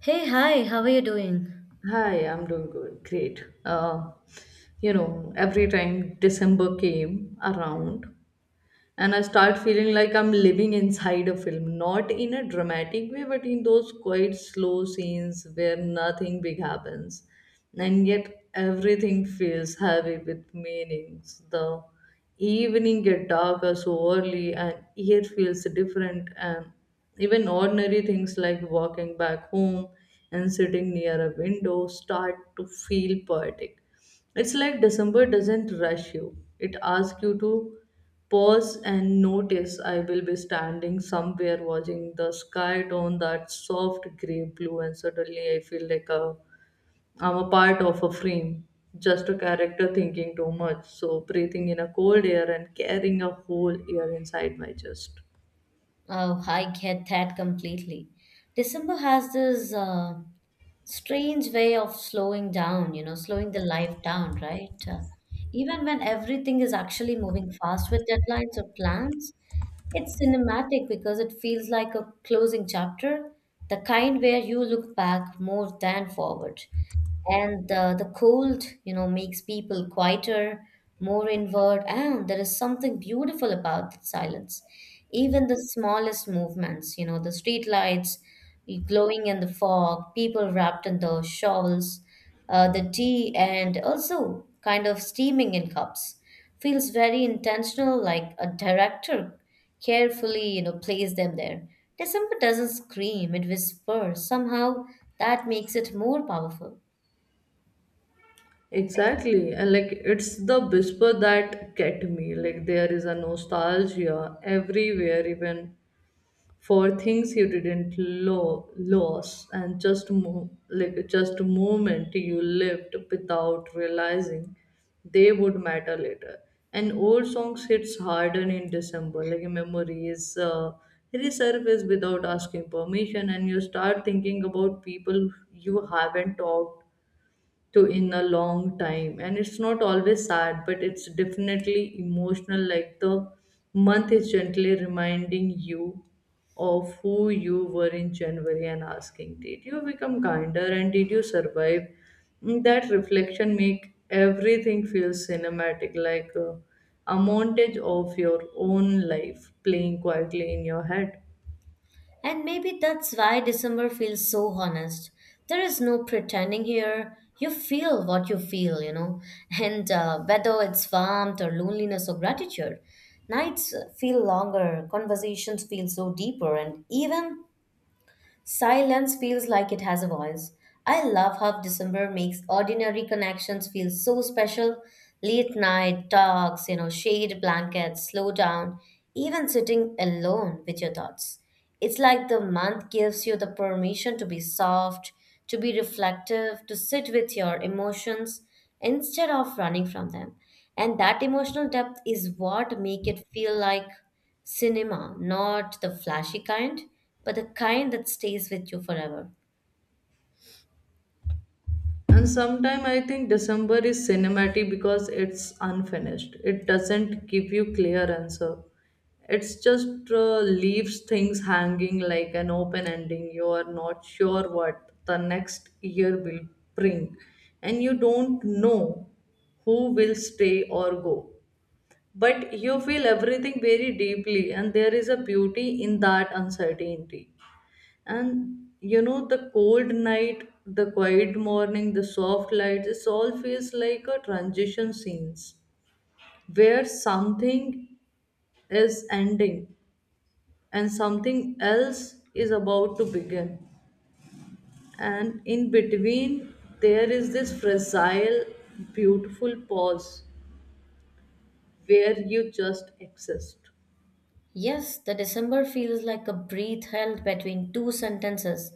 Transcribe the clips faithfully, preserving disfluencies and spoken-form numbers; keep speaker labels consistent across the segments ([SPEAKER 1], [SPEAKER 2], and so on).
[SPEAKER 1] Hey, hi, how are you doing?
[SPEAKER 2] Hi, I'm doing good. Great. Uh, you know, every time December came around, and I start feeling like I'm living inside a film, not in a dramatic way, but in those quite slow scenes where nothing big happens, and yet everything feels heavy with meanings. The evening get darker so early, and air feels different, and even ordinary things like walking back home and sitting near a window start to feel poetic. It's like December doesn't rush you. It asks you to pause and notice. I will be standing somewhere watching the sky turn that soft grey blue, and suddenly I feel like a I'm a part of a frame. Just a character thinking too much. So breathing in a cold air and carrying a whole air inside my chest.
[SPEAKER 1] Oh, I get that completely. December has this uh, strange way of slowing down, you know, slowing the life down, right? Uh, even when everything is actually moving fast with deadlines or plans, it's cinematic because it feels like a closing chapter, the kind where you look back more than forward. And the, the cold, you know, makes people quieter, more inward, and there is something beautiful about that silence. Even the smallest movements, you know, the street lights glowing in the fog, people wrapped in the shawls, uh, the tea and also kind of steaming in cups, feels very intentional, like a director carefully, you know, placed them there. December doesn't scream, it whispers somehow. That makes it more powerful.
[SPEAKER 2] Exactly. And like, it's the whisper that get me. Like, there is a nostalgia everywhere, even for things you didn't lo- lose, and just mo- like just a moment you lived without realizing they would matter later. And old songs hits harder in December, like memories uh, resurface without asking permission, and you start thinking about people you haven't talked to in a long time. And it's not always sad, but it's definitely emotional, like the month is gently reminding you of who you were in January and asking, did you become kinder and did you survive? Mm, that reflection make everything feel cinematic, like a, a montage of your own life playing quietly in your head.
[SPEAKER 1] And maybe that's why December feels so honest. There is no pretending here. You feel what you feel, you know. And uh, whether it's warmth or loneliness or gratitude, nights feel longer, conversations feel so deeper, and even silence feels like it has a voice. I love how December makes ordinary connections feel so special. Late night talks, you know, shade blankets, slow down, even sitting alone with your thoughts. It's like the month gives you the permission to be soft, to be reflective, to sit with your emotions instead of running from them. And that emotional depth is what make it feel like cinema, not the flashy kind, but the kind that stays with you forever.
[SPEAKER 2] And sometime I think December is cinematic because it's unfinished. It doesn't give you clear answer. It's just uh, leaves things hanging like an open ending. You are not sure what the next year will bring, and you don't know who will stay or go. But you feel everything very deeply, and there is a beauty in that uncertainty. And you know, the cold night, the quiet morning, the soft lights, it all feels like a transition scenes where something is ending and something else is about to begin. And in between, there is this fragile, beautiful pause where you just exist.
[SPEAKER 1] Yes, the December feels like a breath held between two sentences.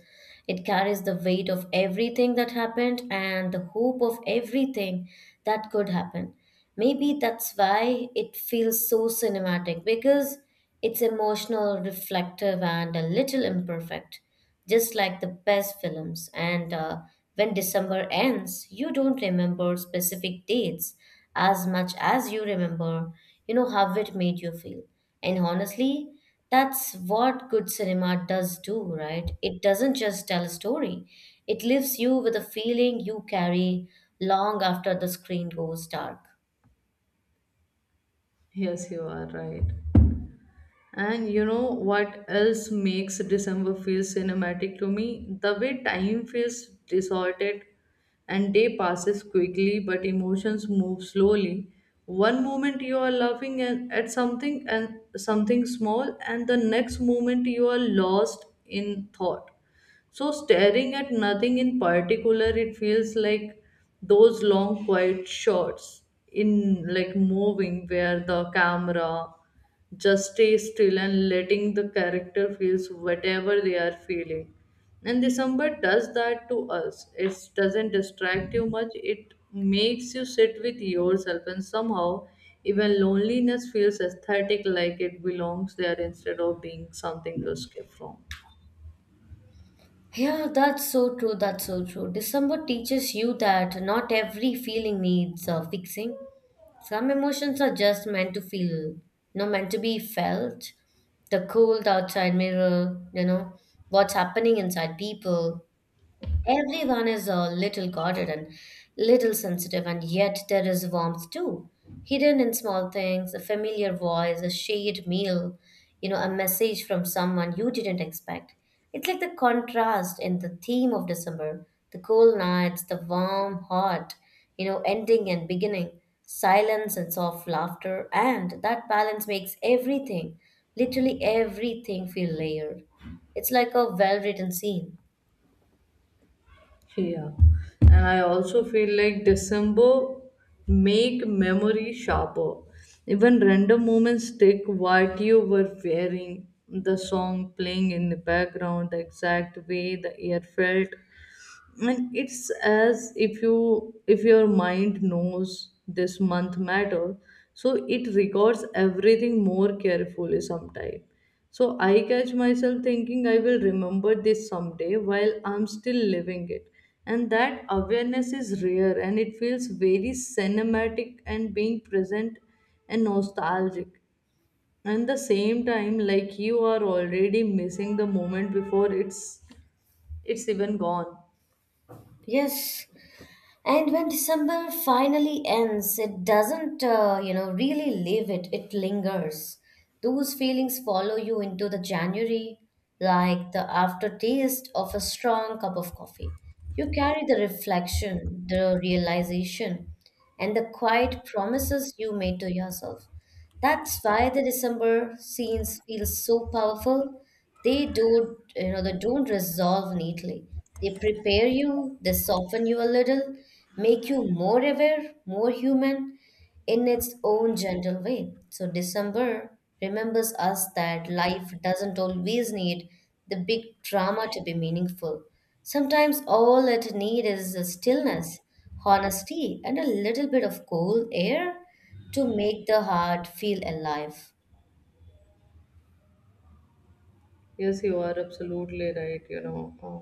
[SPEAKER 1] It carries the weight of everything that happened and the hope of everything that could happen. Maybe that's why it feels so cinematic, because it's emotional, reflective, and a little imperfect, just like the best films. And uh, when December ends, you don't remember specific dates as much as you remember, you know, how it made you feel. And honestly, that's what good cinema does do, right? It doesn't just tell a story, it leaves you with a feeling you carry long after the screen goes dark.
[SPEAKER 2] Yes, you are right. And you know what else makes December feel cinematic to me? The way time feels distorted, and day passes quickly but emotions move slowly. One moment you are laughing at at something and something small, and the next moment you are lost in thought. So, staring at nothing in particular, it feels like those long, quiet shots in like moving, where the camera just stays still and letting the character feels whatever they are feeling. And December does that to us. It doesn't distract you much, it makes you sit with yourself, and somehow, even loneliness feels aesthetic, like it belongs there instead of being something to escape from.
[SPEAKER 1] Yeah, that's so true. That's so true. December teaches you that not every feeling needs uh, fixing. Some emotions are just meant to feel, no, meant to be felt. The cold outside mirror, you know, what's happening inside people. Everyone is a little guarded and little sensitive, and yet there is warmth too. Hidden in small things, a familiar voice, a shared meal, you know, a message from someone you didn't expect. It's like the contrast in the theme of December, the cold nights, the warm heart, you know, ending and beginning, silence and soft laughter, and that balance makes everything, literally everything, feel layered. It's like a well written scene.
[SPEAKER 2] Yeah, and I also feel like December make memory sharper. Even random moments stick. What you were wearing, the song playing in the background, the exact way the air felt. And it's as if you, if your mind knows this month matter, so it records everything more carefully sometime. So I catch myself thinking, I will remember this someday while I'm still living it. And that awareness is rare, and it feels very cinematic, and being present and nostalgic and the same time, like you are already missing the moment before it's it's even gone.
[SPEAKER 1] Yes, and when December finally ends, it doesn't, uh, you know, really leave it, it lingers. Those feelings follow you into the January, like the aftertaste of a strong cup of coffee. You carry the reflection, the realization, and the quiet promises you made to yourself. That's why the December scenes feel so powerful. They don't, you know, they don't resolve neatly. They prepare you, they soften you a little, make you more aware, more human in its own gentle way. So December remembers us that life doesn't always need the big drama to be meaningful. Sometimes all it needs is the stillness, honesty, and a little bit of cold air to make the heart feel alive.
[SPEAKER 2] Yes, you are absolutely right, you know. Uh,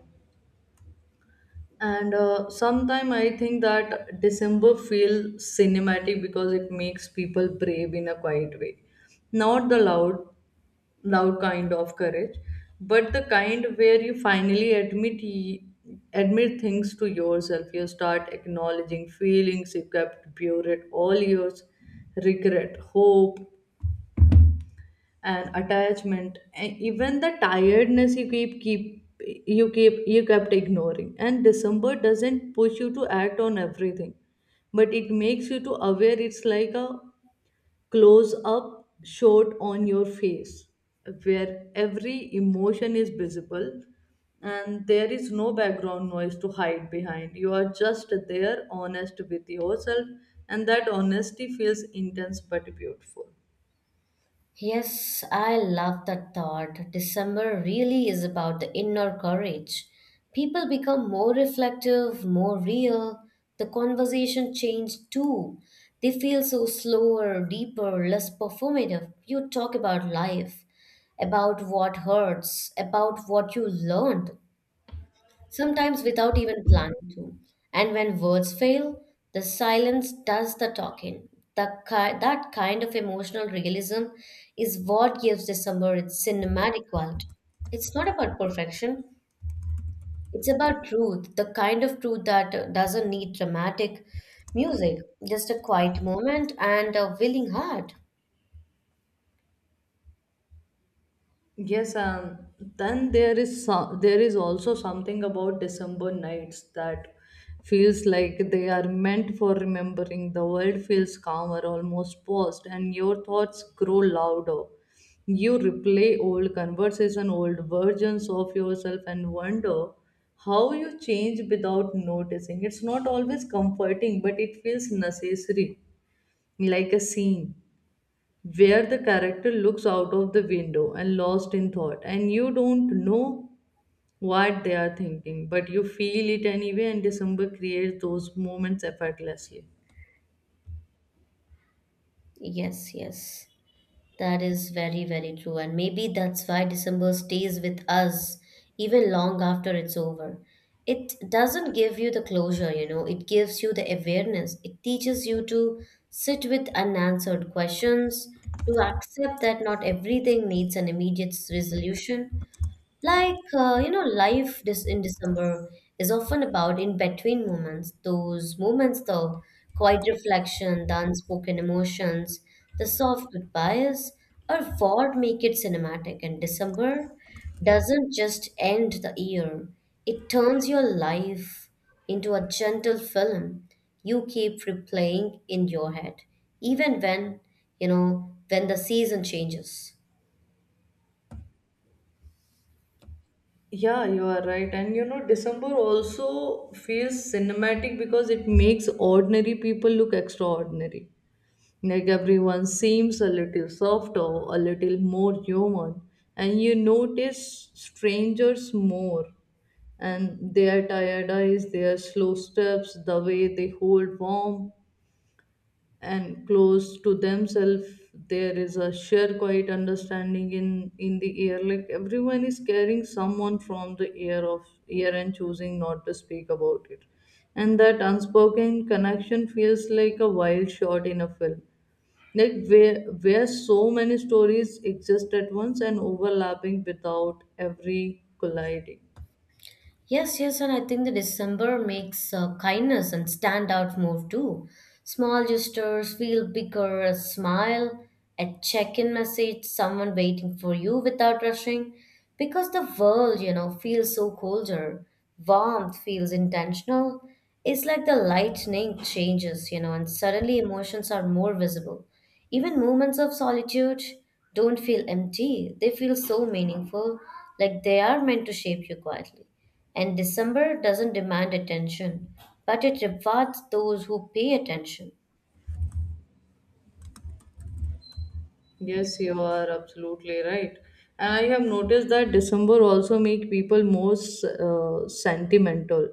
[SPEAKER 2] And uh, sometime I think that December feels cinematic because it makes people brave in a quiet way. Not the loud, loud kind of courage, but the kind where you finally admit y- admit things to yourself. You start acknowledging feelings you kept buried all years, regret, hope, and attachment, and even the tiredness you keep keep you keep you kept ignoring. And December doesn't push you to act on everything, but it makes you to aware. It's like a close up shot on your face where every emotion is visible, and there is no background noise to hide behind. You are just there, honest with yourself, and that honesty feels intense but beautiful.
[SPEAKER 1] Yes, I love that thought. December really is about the inner courage. People become more reflective, more real. The conversation changed too. They feel so slower, deeper, less performative. You talk about life, about what hurts, about what you learned, sometimes without even planning to. And when words fail, the silence does the talking. The, ki- that kind of emotional realism is what gives the summer its cinematic quality. It's not about perfection, it's about truth, the kind of truth that uh, doesn't need dramatic music, just a quiet moment and a willing heart.
[SPEAKER 2] Yes, um, then there is so, there is also something about December nights that feels like they are meant for remembering. The world feels calmer, almost paused, and your thoughts grow louder. You replay old conversation, old versions of yourself, and wonder how you change without noticing. It's not always comforting, but it feels necessary, like a scene where the character looks out of the window and lost in thought, and you don't know what they are thinking but you feel it anyway. And December creates those moments effortlessly.
[SPEAKER 1] Yes, yes. That is very, very true. And maybe that's why December stays with us even long after it's over. It doesn't give you the closure, you know, it gives you the awareness. It teaches you to sit with unanswered questions, to accept that not everything needs an immediate resolution. Like, uh, you know, life this in December is often about in between moments, those moments, the quiet reflection, the unspoken emotions, the soft goodbyes are what make it cinematic. And December doesn't just end the year, it turns your life into a gentle film you keep replaying in your head, even when, you know, when the season changes.
[SPEAKER 2] Yeah, you are right. And you know, December also feels cinematic because it makes ordinary people look extraordinary. Like everyone seems a little softer, a little more human, and you notice strangers more. And their tired eyes, their slow steps, the way they hold warm and close to themselves, there is a sheer quiet understanding in, in the air. Like everyone is carrying someone from the air of air and choosing not to speak about it. And that unspoken connection feels like a wild shot in a film, like where where so many stories exist at once and overlapping without every colliding.
[SPEAKER 1] Yes, yes, and I think the December makes uh, kindness and stand out more too. Small gestures feel bigger, a smile, a check-in message, someone waiting for you without rushing. Because the world, you know, feels so colder. Warmth feels intentional. It's like the lightning changes, you know, and suddenly emotions are more visible. Even moments of solitude don't feel empty. They feel so meaningful, like they are meant to shape you quietly. And December doesn't demand attention, but it rewards those who pay attention.
[SPEAKER 2] Yes, you are absolutely right, and I have noticed that December also make people more uh, sentimental.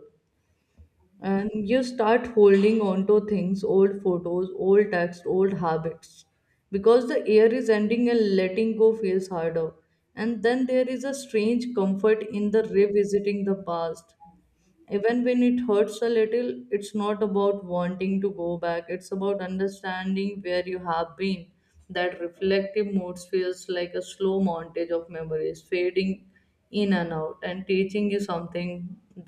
[SPEAKER 2] And you start holding on to things, old photos, old texts, old habits, because the year is ending and letting go feels harder. And then there is a strange comfort in the revisiting the past. Even when it hurts a little, it's not about wanting to go back, it's about understanding where you have been. That reflective moods feels like a slow montage of memories fading in and out and teaching you something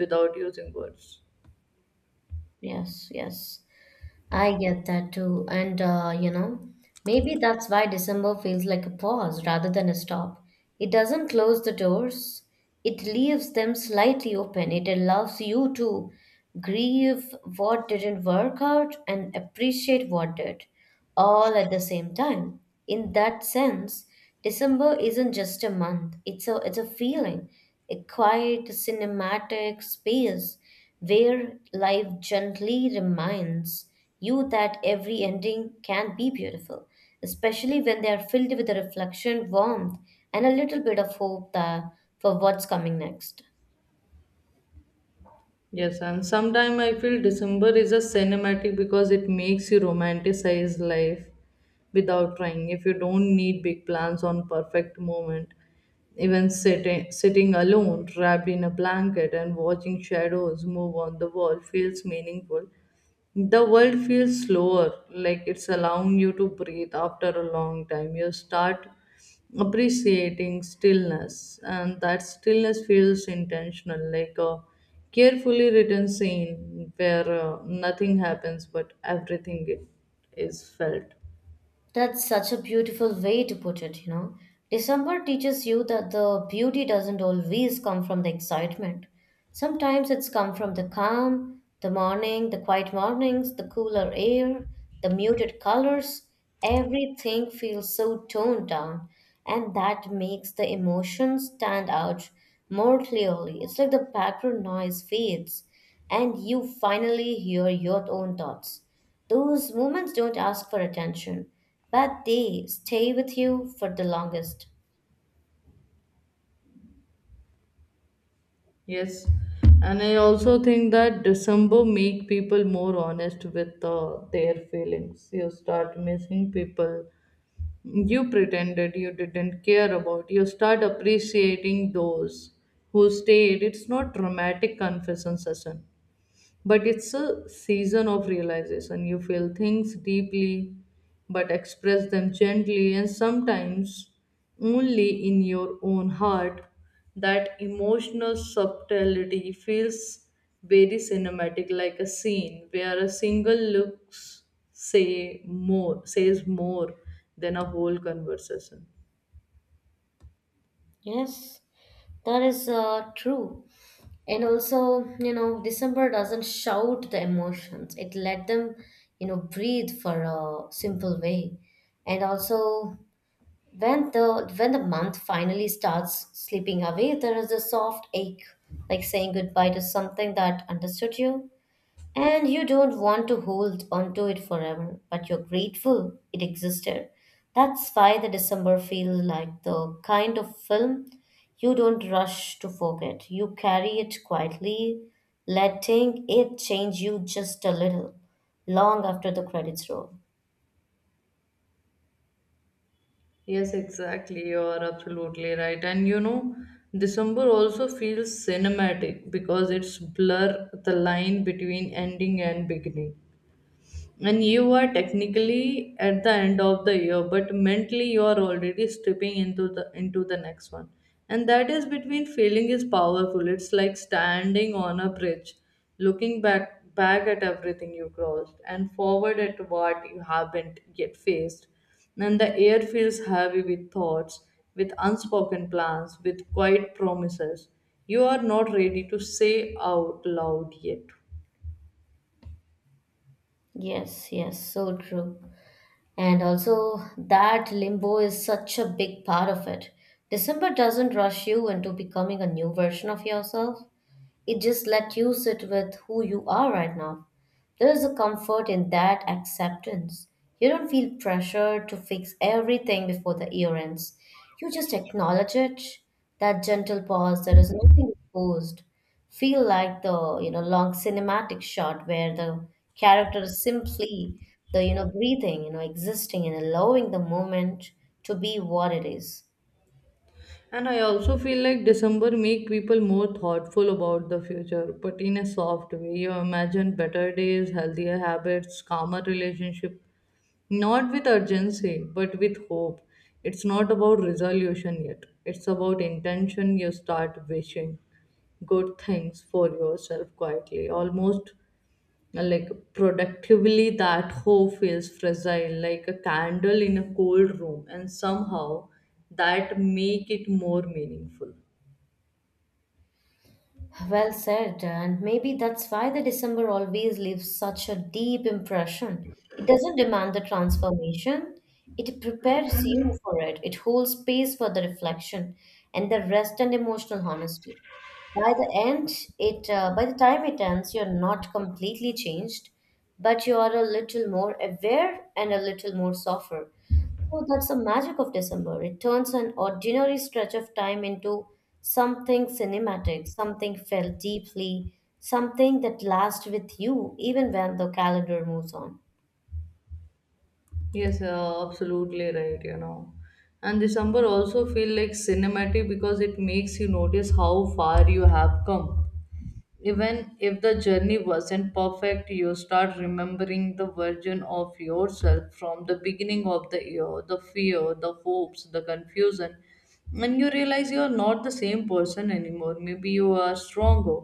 [SPEAKER 2] without using words.
[SPEAKER 1] Yes, yes. I get that too. And, uh, you know, maybe that's why December feels like a pause rather than a stop. It doesn't close the doors, it leaves them slightly open. It allows you to grieve what didn't work out and appreciate what did, all at the same time. In that sense, December isn't just a month, it's a, it's a feeling, a quiet, cinematic space where life gently reminds you that every ending can be beautiful, especially when they are filled with a reflection, warmth, and a little bit of hope that, for what's coming next.
[SPEAKER 2] Yes, and sometimes I feel December is a cinematic because it makes you romanticize life without trying. If you don't need big plans on perfect moment, even sitting sitting alone, wrapped in a blanket and watching shadows move on the wall feels meaningful. The world feels slower, like it's allowing you to breathe after a long time. You start appreciating stillness, and that stillness feels intentional, like a carefully written scene where uh, nothing happens but everything it is felt.
[SPEAKER 1] That's such a beautiful way to put it, you know. December teaches you that the beauty doesn't always come from the excitement. Sometimes it's come from the calm, the morning, the quiet mornings, the cooler air, the muted colors. Everything feels so toned down, and that makes the emotions stand out more clearly. It's like the background noise fades, and you finally hear your own thoughts. Those moments don't ask for attention, but they stay with you for the longest.
[SPEAKER 2] Yes, and I also think that December make people more honest with uh, their feelings. You start missing people you pretended you didn't care about. You start appreciating those who stayed. It's not dramatic confession session, but it's a season of realization. You feel things deeply but express them gently, and sometimes only in your own heart. That emotional subtlety feels very cinematic, like a scene where a single looks say more says more than a whole conversation.
[SPEAKER 1] Yes, that is uh, true. And also, you know, December doesn't shout the emotions, it let them, you know, breathe for a simple way. And also, when the when the month finally starts slipping away, there is a soft ache, like saying goodbye to something that understood you. And you don't want to hold onto it forever, but you're grateful it existed. That's why the December feels like the kind of film you don't rush to forget. You carry it quietly, letting it change you just a little, long after the credits roll.
[SPEAKER 2] Yes, exactly. You are absolutely right. And you know, December also feels cinematic because it's blur the line between ending and beginning, and you are technically at the end of the year but mentally you are already stripping into the into the next one. And that is between feeling is powerful. It's like standing on a bridge looking back back at everything you crossed and forward at what you haven't yet faced. And the air feels heavy with thoughts, with unspoken plans, with quiet promises you are not ready to say out loud yet.
[SPEAKER 1] Yes, yes, so true. And also, that limbo is such a big part of it. December doesn't rush you into becoming a new version of yourself. It just let you sit with who you are right now. There is a comfort in that acceptance. You don't feel pressure to fix everything before the year ends. You just acknowledge it. That gentle pause, there is nothing imposed. Feel like the, you know, long cinematic shot where the character is simply, the you know breathing, you know, existing and allowing the moment to be what it is.
[SPEAKER 2] And I also feel like December make people more thoughtful about the future, but in a soft way. You imagine better days, healthier habits, calmer relationship, not with urgency, but with hope. It's not about resolution yet. It's about intention. You start wishing good things for yourself quietly, almost like productively. That hope feels fragile like a candle in a cold room, and somehow that make it more meaningful.
[SPEAKER 1] Well said, and maybe that's why the December always leaves such a deep impression. It doesn't demand the transformation, it prepares you for it. It holds space for the reflection and the rest and emotional honesty. By the end, it uh, by the time it ends, you're not completely changed, but you are a little more aware and a little more softer. Oh, that's the magic of December. It turns an ordinary stretch of time into something cinematic, something felt deeply, something that lasts with you even when the calendar moves on.
[SPEAKER 2] Yes, uh, absolutely right, you know. And December also feel like cinematic because it makes you notice how far you have come. Even if the journey wasn't perfect, you start remembering the version of yourself from the beginning of the year, the fear, the hopes, the confusion, and you realize you're not the same person anymore. Maybe you are stronger,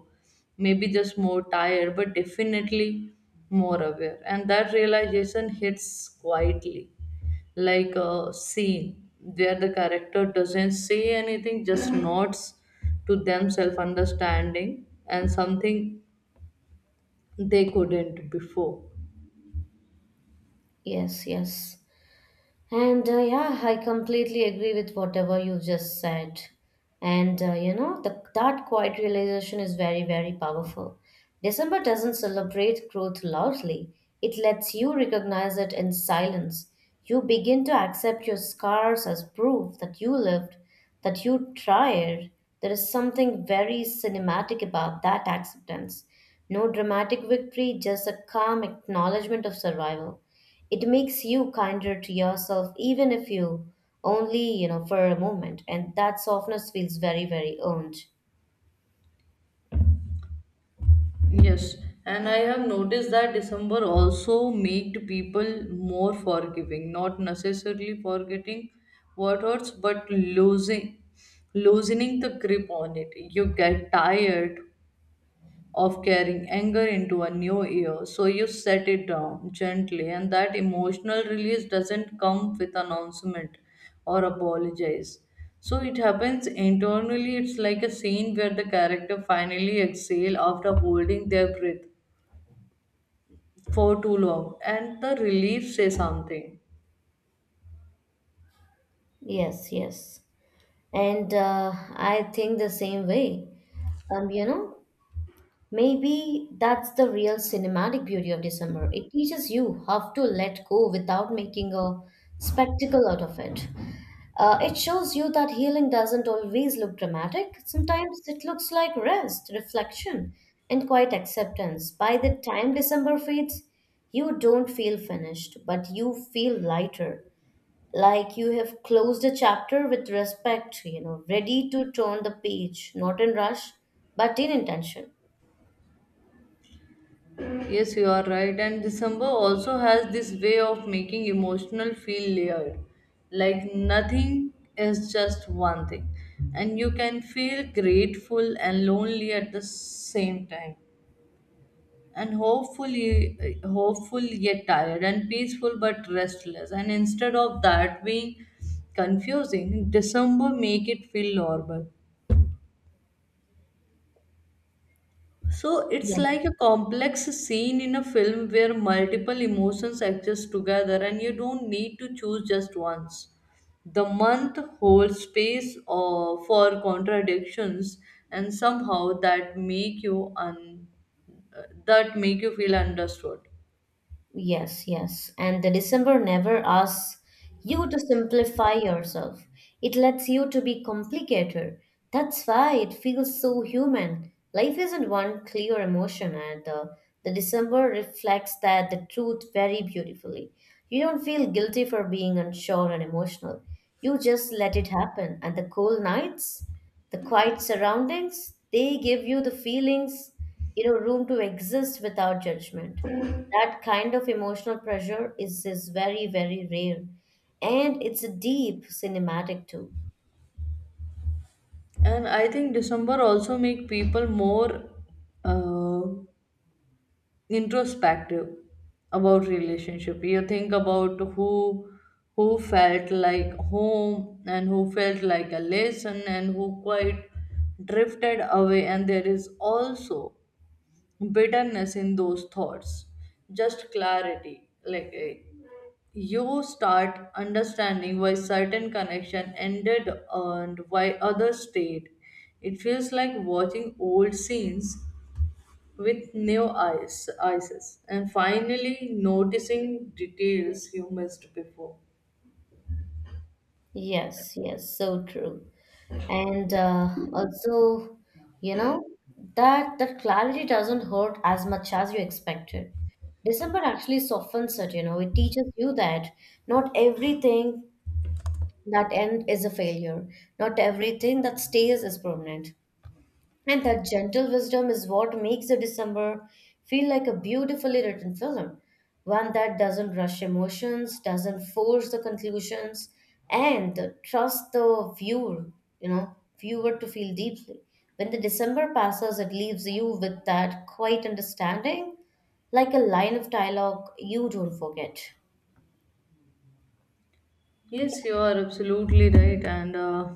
[SPEAKER 2] maybe just more tired, but definitely more aware. And that realization hits quietly, like a scene where the character doesn't say anything, just nods to themselves, understanding and something they couldn't before.
[SPEAKER 1] Yes, yes. And uh, yeah, I completely agree with whatever you've just said. And uh, you know, the, that quiet realization is very, very powerful. December doesn't celebrate growth loudly, it lets you recognize it in silence. You begin to accept your scars as proof that you lived, that you tried. There is something very cinematic about that acceptance. No dramatic victory, just a calm acknowledgement of survival. It makes you kinder to yourself, even if you only, you know, for a moment, and that softness feels very, very earned.
[SPEAKER 2] Yes, and I have noticed that December also made people more forgiving, not necessarily forgetting what hurts, but losing loosening the grip on it. You get tired of carrying anger into a new year. So you set it down gently, and that emotional release doesn't come with announcement or apologize. So it happens internally. It's like a scene where the character finally exhale after holding their breath for too long, and the relief say something.
[SPEAKER 1] Yes, yes, and uh, I think the same way. Um you know, maybe that's the real cinematic beauty of December. It teaches you how to let go without making a spectacle out of it. Uh, it shows you that healing doesn't always look dramatic. Sometimes it looks like rest, reflection, and quiet acceptance. By the time December fades, you don't feel finished, but you feel lighter. Like you have closed a chapter with respect, you know, ready to turn the page, not in rush, but in intention.
[SPEAKER 2] Yes, you are right. And December also has this way of making emotional feel layered. Like nothing is just one thing. And you can feel grateful and lonely at the same time. And hopefully hopeful yet tired and peaceful but restless. And instead of that being confusing, December make it feel normal. So
[SPEAKER 1] Yeah.
[SPEAKER 2] it's like a complex scene in a film where multiple emotions exist together and you don't need to choose just once. The month holds space uh, for contradictions and somehow that make you un- uh, that make you feel understood.
[SPEAKER 1] Yes, yes. And the December never asks you to simplify yourself. It lets you to be complicated. That's why it feels so human. Life isn't one clear emotion, and uh, the December reflects that the truth very beautifully. You don't feel guilty for being unsure and emotional. You just let it happen. And the cold nights? The quiet surroundings, they give you the feelings you know room to exist without judgment. That kind of emotional pressure is is very very rare, and it's a deep cinematic too.
[SPEAKER 2] And I think December also make people more uh, introspective about relationship you think about who who felt like home and who felt like a lesson and who quite drifted away, and there is also bitterness in those thoughts, just clarity like eh, you start understanding why certain connection ended and why others stayed. It feels like watching old scenes with new eyes, eyes, and finally noticing details you missed before.
[SPEAKER 1] Yes, yes, so true. And uh, also, you know, that that clarity doesn't hurt as much as you expected. December actually softens it, you know. It teaches you that not everything that end is a failure. Not everything that stays is permanent. And that gentle wisdom is what makes the December feel like a beautifully written film, one that doesn't rush emotions, doesn't force the conclusions, and trust the viewer, you know, viewer to feel deeply. When the December passes, it leaves you with that quiet understanding, like a line of dialogue you don't forget.
[SPEAKER 2] Yes, you are absolutely right, and uh,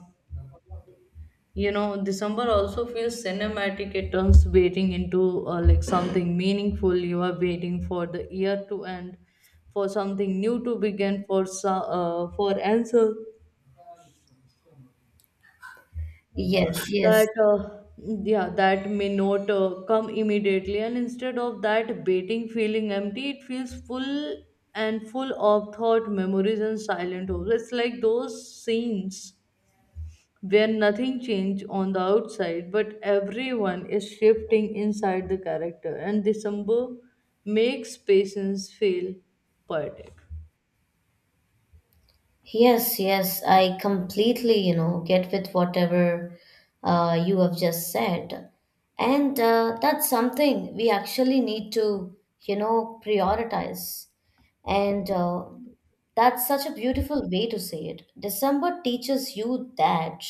[SPEAKER 2] you know, December also feels cinematic. It turns waiting into uh, like something meaningful. You are waiting for the year to end, for something new to begin, for so, uh, for answer
[SPEAKER 1] Yes, yes.
[SPEAKER 2] that uh, yeah, that may not uh, come immediately, and instead of that baiting feeling empty, it feels full and full of thought memories and silent hopes. It's like those scenes where nothing changed on the outside, but everyone is shifting inside the character, and December makes patience feel poetic.
[SPEAKER 1] Yes, yes, I completely, you know, get with whatever uh, you have just said. And uh, that's something we actually need to, you know, prioritize. And uh, that's such a beautiful way to say it. December teaches you that.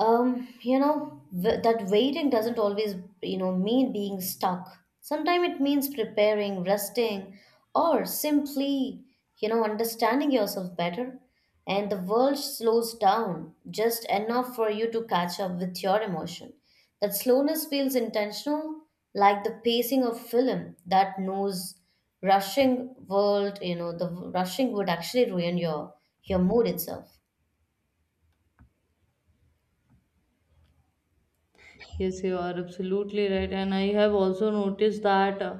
[SPEAKER 1] Um, you know, w- that waiting doesn't always, you know, mean being stuck. Sometimes it means preparing, resting, or simply, you know, understanding yourself better. And the world slows down just enough for you to catch up with your emotion. That slowness feels intentional, like the pacing of film that knows rushing world, you know, the rushing would actually ruin your your mood itself.
[SPEAKER 2] Yes, you are absolutely right, and I have also noticed that uh,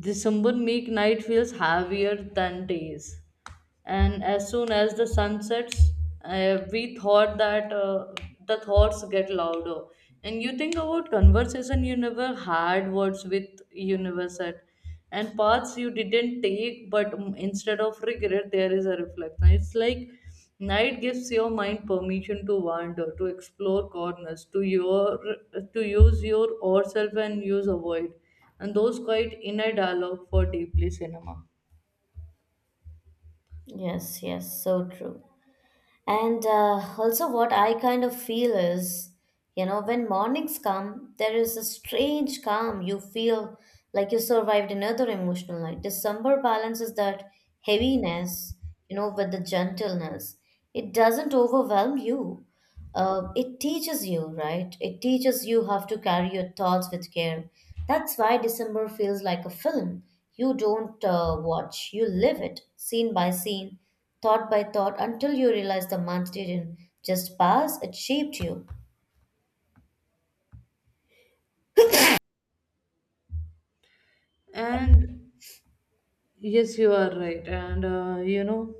[SPEAKER 2] December make night feels heavier than days. And as soon as the sun sets, uh, we thought that uh, the thoughts get louder. And you think about conversation you never had words with universe at, and paths you didn't take, but mm, instead of regret there is a reflection. It's like night gives your mind permission to wander, to explore corners to your to use your or self and use avoid, and those quite inner dialogue for deeply cinema.
[SPEAKER 1] Yes, yes, so true. And uh, also, what I kind of feel is, you know, when mornings come, there is a strange calm. You feel like you survived another emotional night. December balances that heaviness, you know, with the gentleness. It doesn't overwhelm you, uh, it teaches you, right? It teaches you how to carry your thoughts with care. That's why December feels like a film. You don't uh, watch, you live it, scene by scene, thought by thought, until you realize the month didn't just pass, it shaped you.
[SPEAKER 2] And yes, you are right, and uh, you know,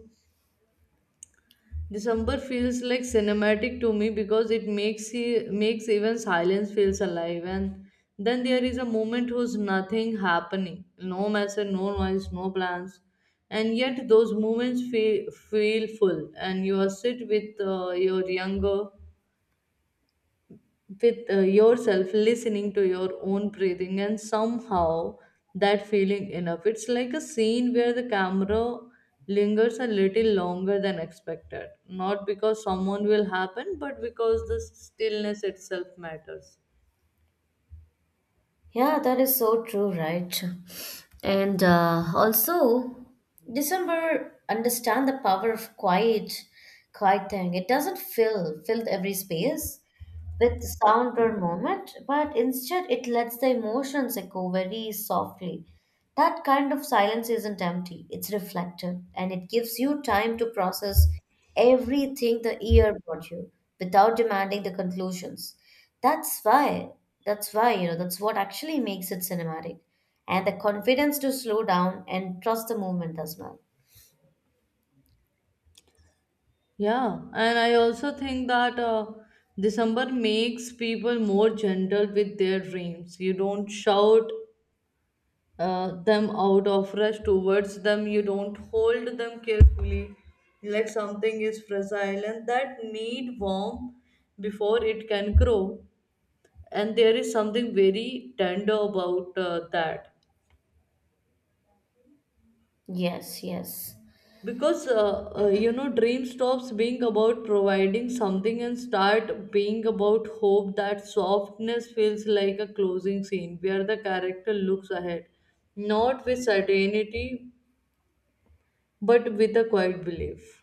[SPEAKER 2] December feels like cinematic to me because it makes e- makes even silence feels alive. And then there is a moment who's nothing happening, no message, no noise, no plans, and yet those moments feel, feel full, and you are sit with uh, your younger with uh, yourself, listening to your own breathing, and somehow that feeling enough. It's like a scene where the camera lingers a little longer than expected, not because someone will happen, but because the stillness itself matters.
[SPEAKER 1] Yeah, that is so true, right? And uh, also, December understand the power of quiet, quiet thing. It doesn't fill fill every space with sound or movement, but instead it lets the emotions echo very softly. That kind of silence isn't empty, it's reflective, and it gives you time to process everything the ear brought you without demanding the conclusions. That's why, that's why, you know, that's what actually makes it cinematic. And the confidence to slow down and trust the movement as well.
[SPEAKER 2] Yeah, and I also think that uh, December makes people more gentle with their dreams. You don't shout uh, them out of rush towards them. You don't hold them carefully like something is fragile and that need warmth before it can grow. And there is something very tender about uh, that,
[SPEAKER 1] Yes, yes.
[SPEAKER 2] because uh, uh, you know, dream stops being about providing something and start being about hope. That softness feels like a closing scene where the character looks ahead, not with certainty, but with a quiet belief.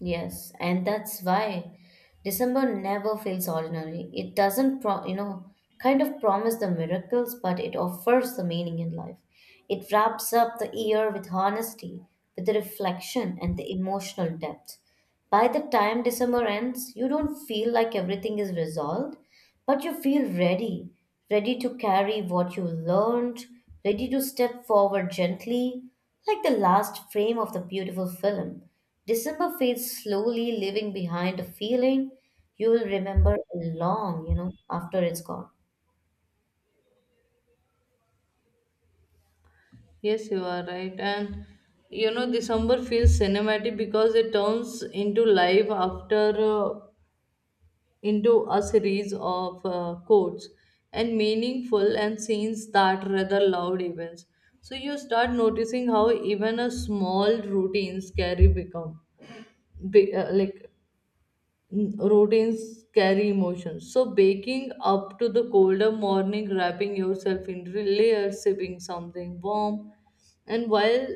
[SPEAKER 1] Yes, and that's why December never feels ordinary. It doesn't, pro- You know, kind of promise the miracles, but it offers the meaning in life. It wraps up the year with honesty, with the reflection, and the emotional depth. By the time December ends, you don't feel like everything is resolved, but you feel ready, ready to carry what you learned, ready to step forward gently, like the last frame of the beautiful film. December fades slowly, leaving behind a feeling you will remember long, you know, after it's gone.
[SPEAKER 2] Yes, you are right. And you know, December feels cinematic because it turns into life after uh, into a series of uh, quotes and meaningful and scenes that rather loud events. So you start noticing how even a small routines carry become be, uh, like Mm, routines carry emotions. So baking up to the colder morning, wrapping yourself in layers, sipping something warm, and while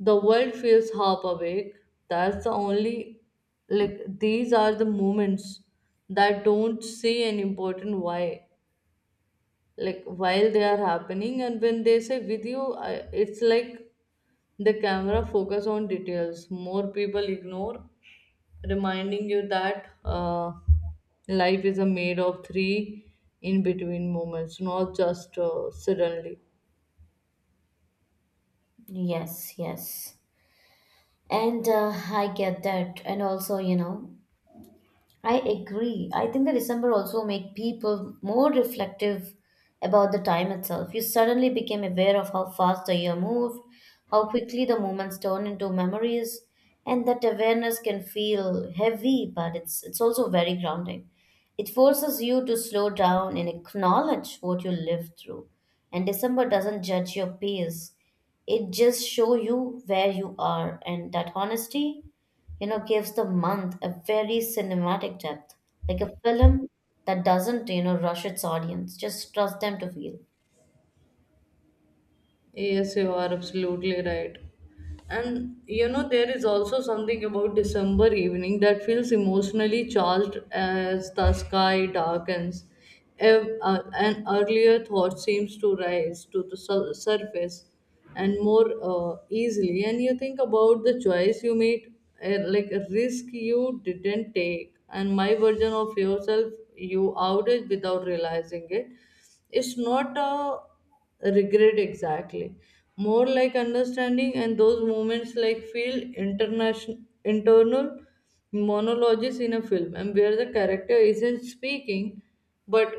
[SPEAKER 2] the world feels half awake, that's the only, like these are the moments that don't say an important why, like while they are happening. And when they say video I, it's like the camera focus on details more people ignore, reminding you that uh, life is a made of three in between moments, not just uh, suddenly.
[SPEAKER 1] Yes, yes. And uh, I get that. And also, you know, I agree. I think the December also make people more reflective about the time itself. You suddenly became aware of how fast the year moved, how quickly the moments turn into memories, and that awareness can feel heavy, but it's it's also very grounding. It forces you to slow down and acknowledge what you lived through. And December doesn't judge your pace. It just show you where you are, and that honesty, you know, gives the month a very cinematic depth, like a film that doesn't, you know, rush its audience, just trust them to feel.
[SPEAKER 2] Yes, you are absolutely right. And you know, there is also something about December evening that feels emotionally charged as the sky darkens. Ev- uh, An earlier thought seems to rise to the sur- surface and more uh, easily. And you think about the choice you made, uh, like a risk you didn't take, and my version of yourself you outed without realizing it. It's not a regret exactly, more like understanding, and those moments like feel international internal monologues in a film, and where the character isn't speaking, but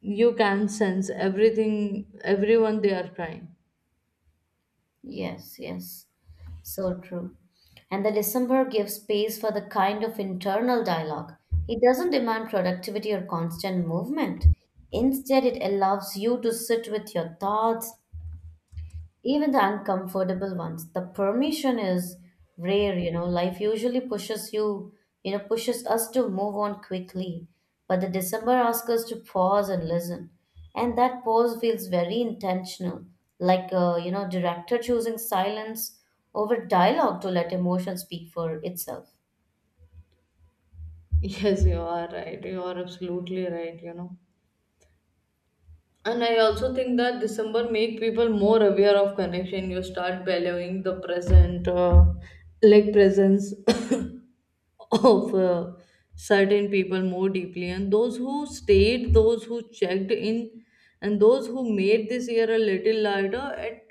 [SPEAKER 2] you can sense everything, everyone they are crying.
[SPEAKER 1] Yes, yes, so true. And the December gives space for the kind of internal dialogue. It doesn't demand productivity or constant movement. Instead, it allows you to sit with your thoughts, even the uncomfortable ones. The permission is rare, you know. Life usually pushes you, you know, pushes us to move on quickly, but the December asks us to pause and listen, and that pause feels very intentional, like a, you know, director choosing silence over dialogue to let emotion speak for itself.
[SPEAKER 2] Yes, you are right, you are absolutely right, you know, and I also think that December make people more aware of connection. You start valuing the present, uh, like presence, of uh, certain people more deeply, and those who stayed, those who checked in, and those who made this year a little lighter. At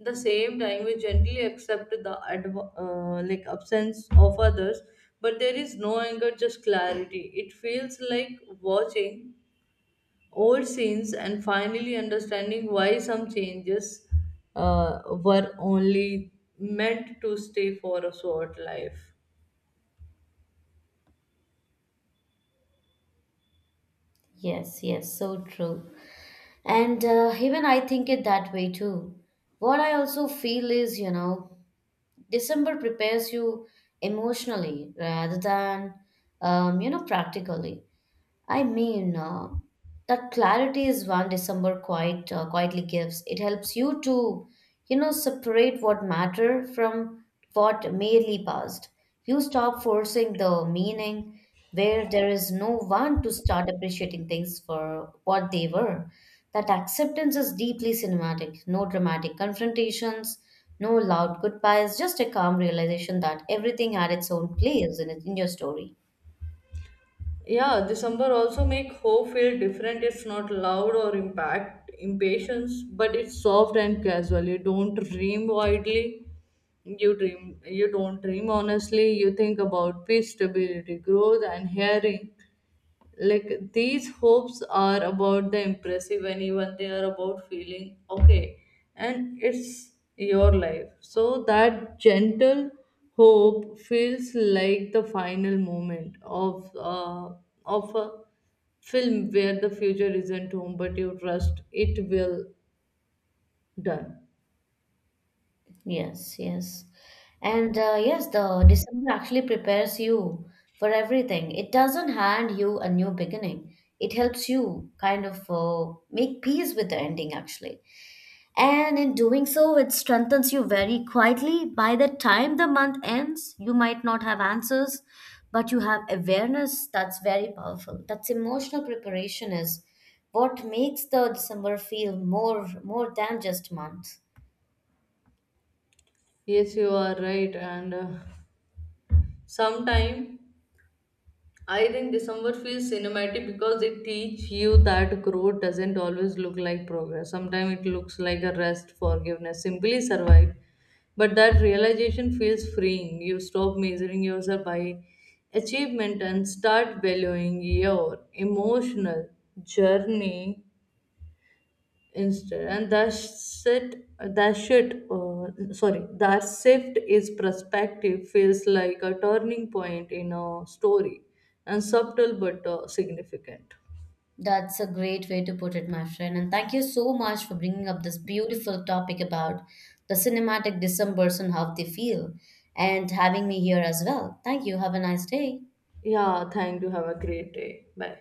[SPEAKER 2] the same time, we gently accept the adv- uh, like absence of others, but there is no anger, just clarity. It feels like watching old scenes and finally understanding why some changes uh, were only meant to stay for a short life.
[SPEAKER 1] Yes, yes, so true. And uh, even I think it that way too. What I also feel is, you know, December prepares you emotionally rather than um, you know, practically. I mean, uh, that clarity is one December quite uh, quietly gives. It helps you to, you know, separate what matter from what merely passed. You stop forcing the meaning where there is no one to start appreciating things for what they were. That acceptance is deeply cinematic. No dramatic confrontations, no loud goodbyes, just a calm realization that everything had its own place in, it- in your story.
[SPEAKER 2] Yeah, December also make hope feel different. It's not loud or impact impatience, but it's soft and casual. You don't dream widely. You dream you don't dream honestly. You think about peace, stability, growth and hearing, like these hopes are about the impressive, and even they are about feeling okay, and it's your life, so that gentle hope feels like the final moment of uh, of a film where the future isn't home, but you trust it will done.
[SPEAKER 1] Yes, yes. And uh, yes, the December actually prepares you for everything. It doesn't hand you a new beginning. It helps you kind of uh, make peace with the ending, actually. And in doing so, it strengthens you very quietly. By the time the month ends, you might not have answers, but you have awareness that's very powerful. That's emotional preparation is what makes the December feel more more than just month.
[SPEAKER 2] Yes, you are right, and uh, sometime I think December feels cinematic because it teach you that growth doesn't always look like progress. Sometimes it looks like a rest, forgiveness, simply survive. But that realization feels freeing. You stop measuring yourself by achievement and start valuing your emotional journey instead. And that's it, that shit uh, sorry, that shift is perspective feels like a turning point in a story, and subtle but uh, significant.
[SPEAKER 1] That's a great way to put it, my friend. And thank you so much for bringing up this beautiful topic about the cinematic Decembers and how they feel, and having me here as well. Thank you. Have a nice day.
[SPEAKER 2] Yeah, thank you, have a great day, bye.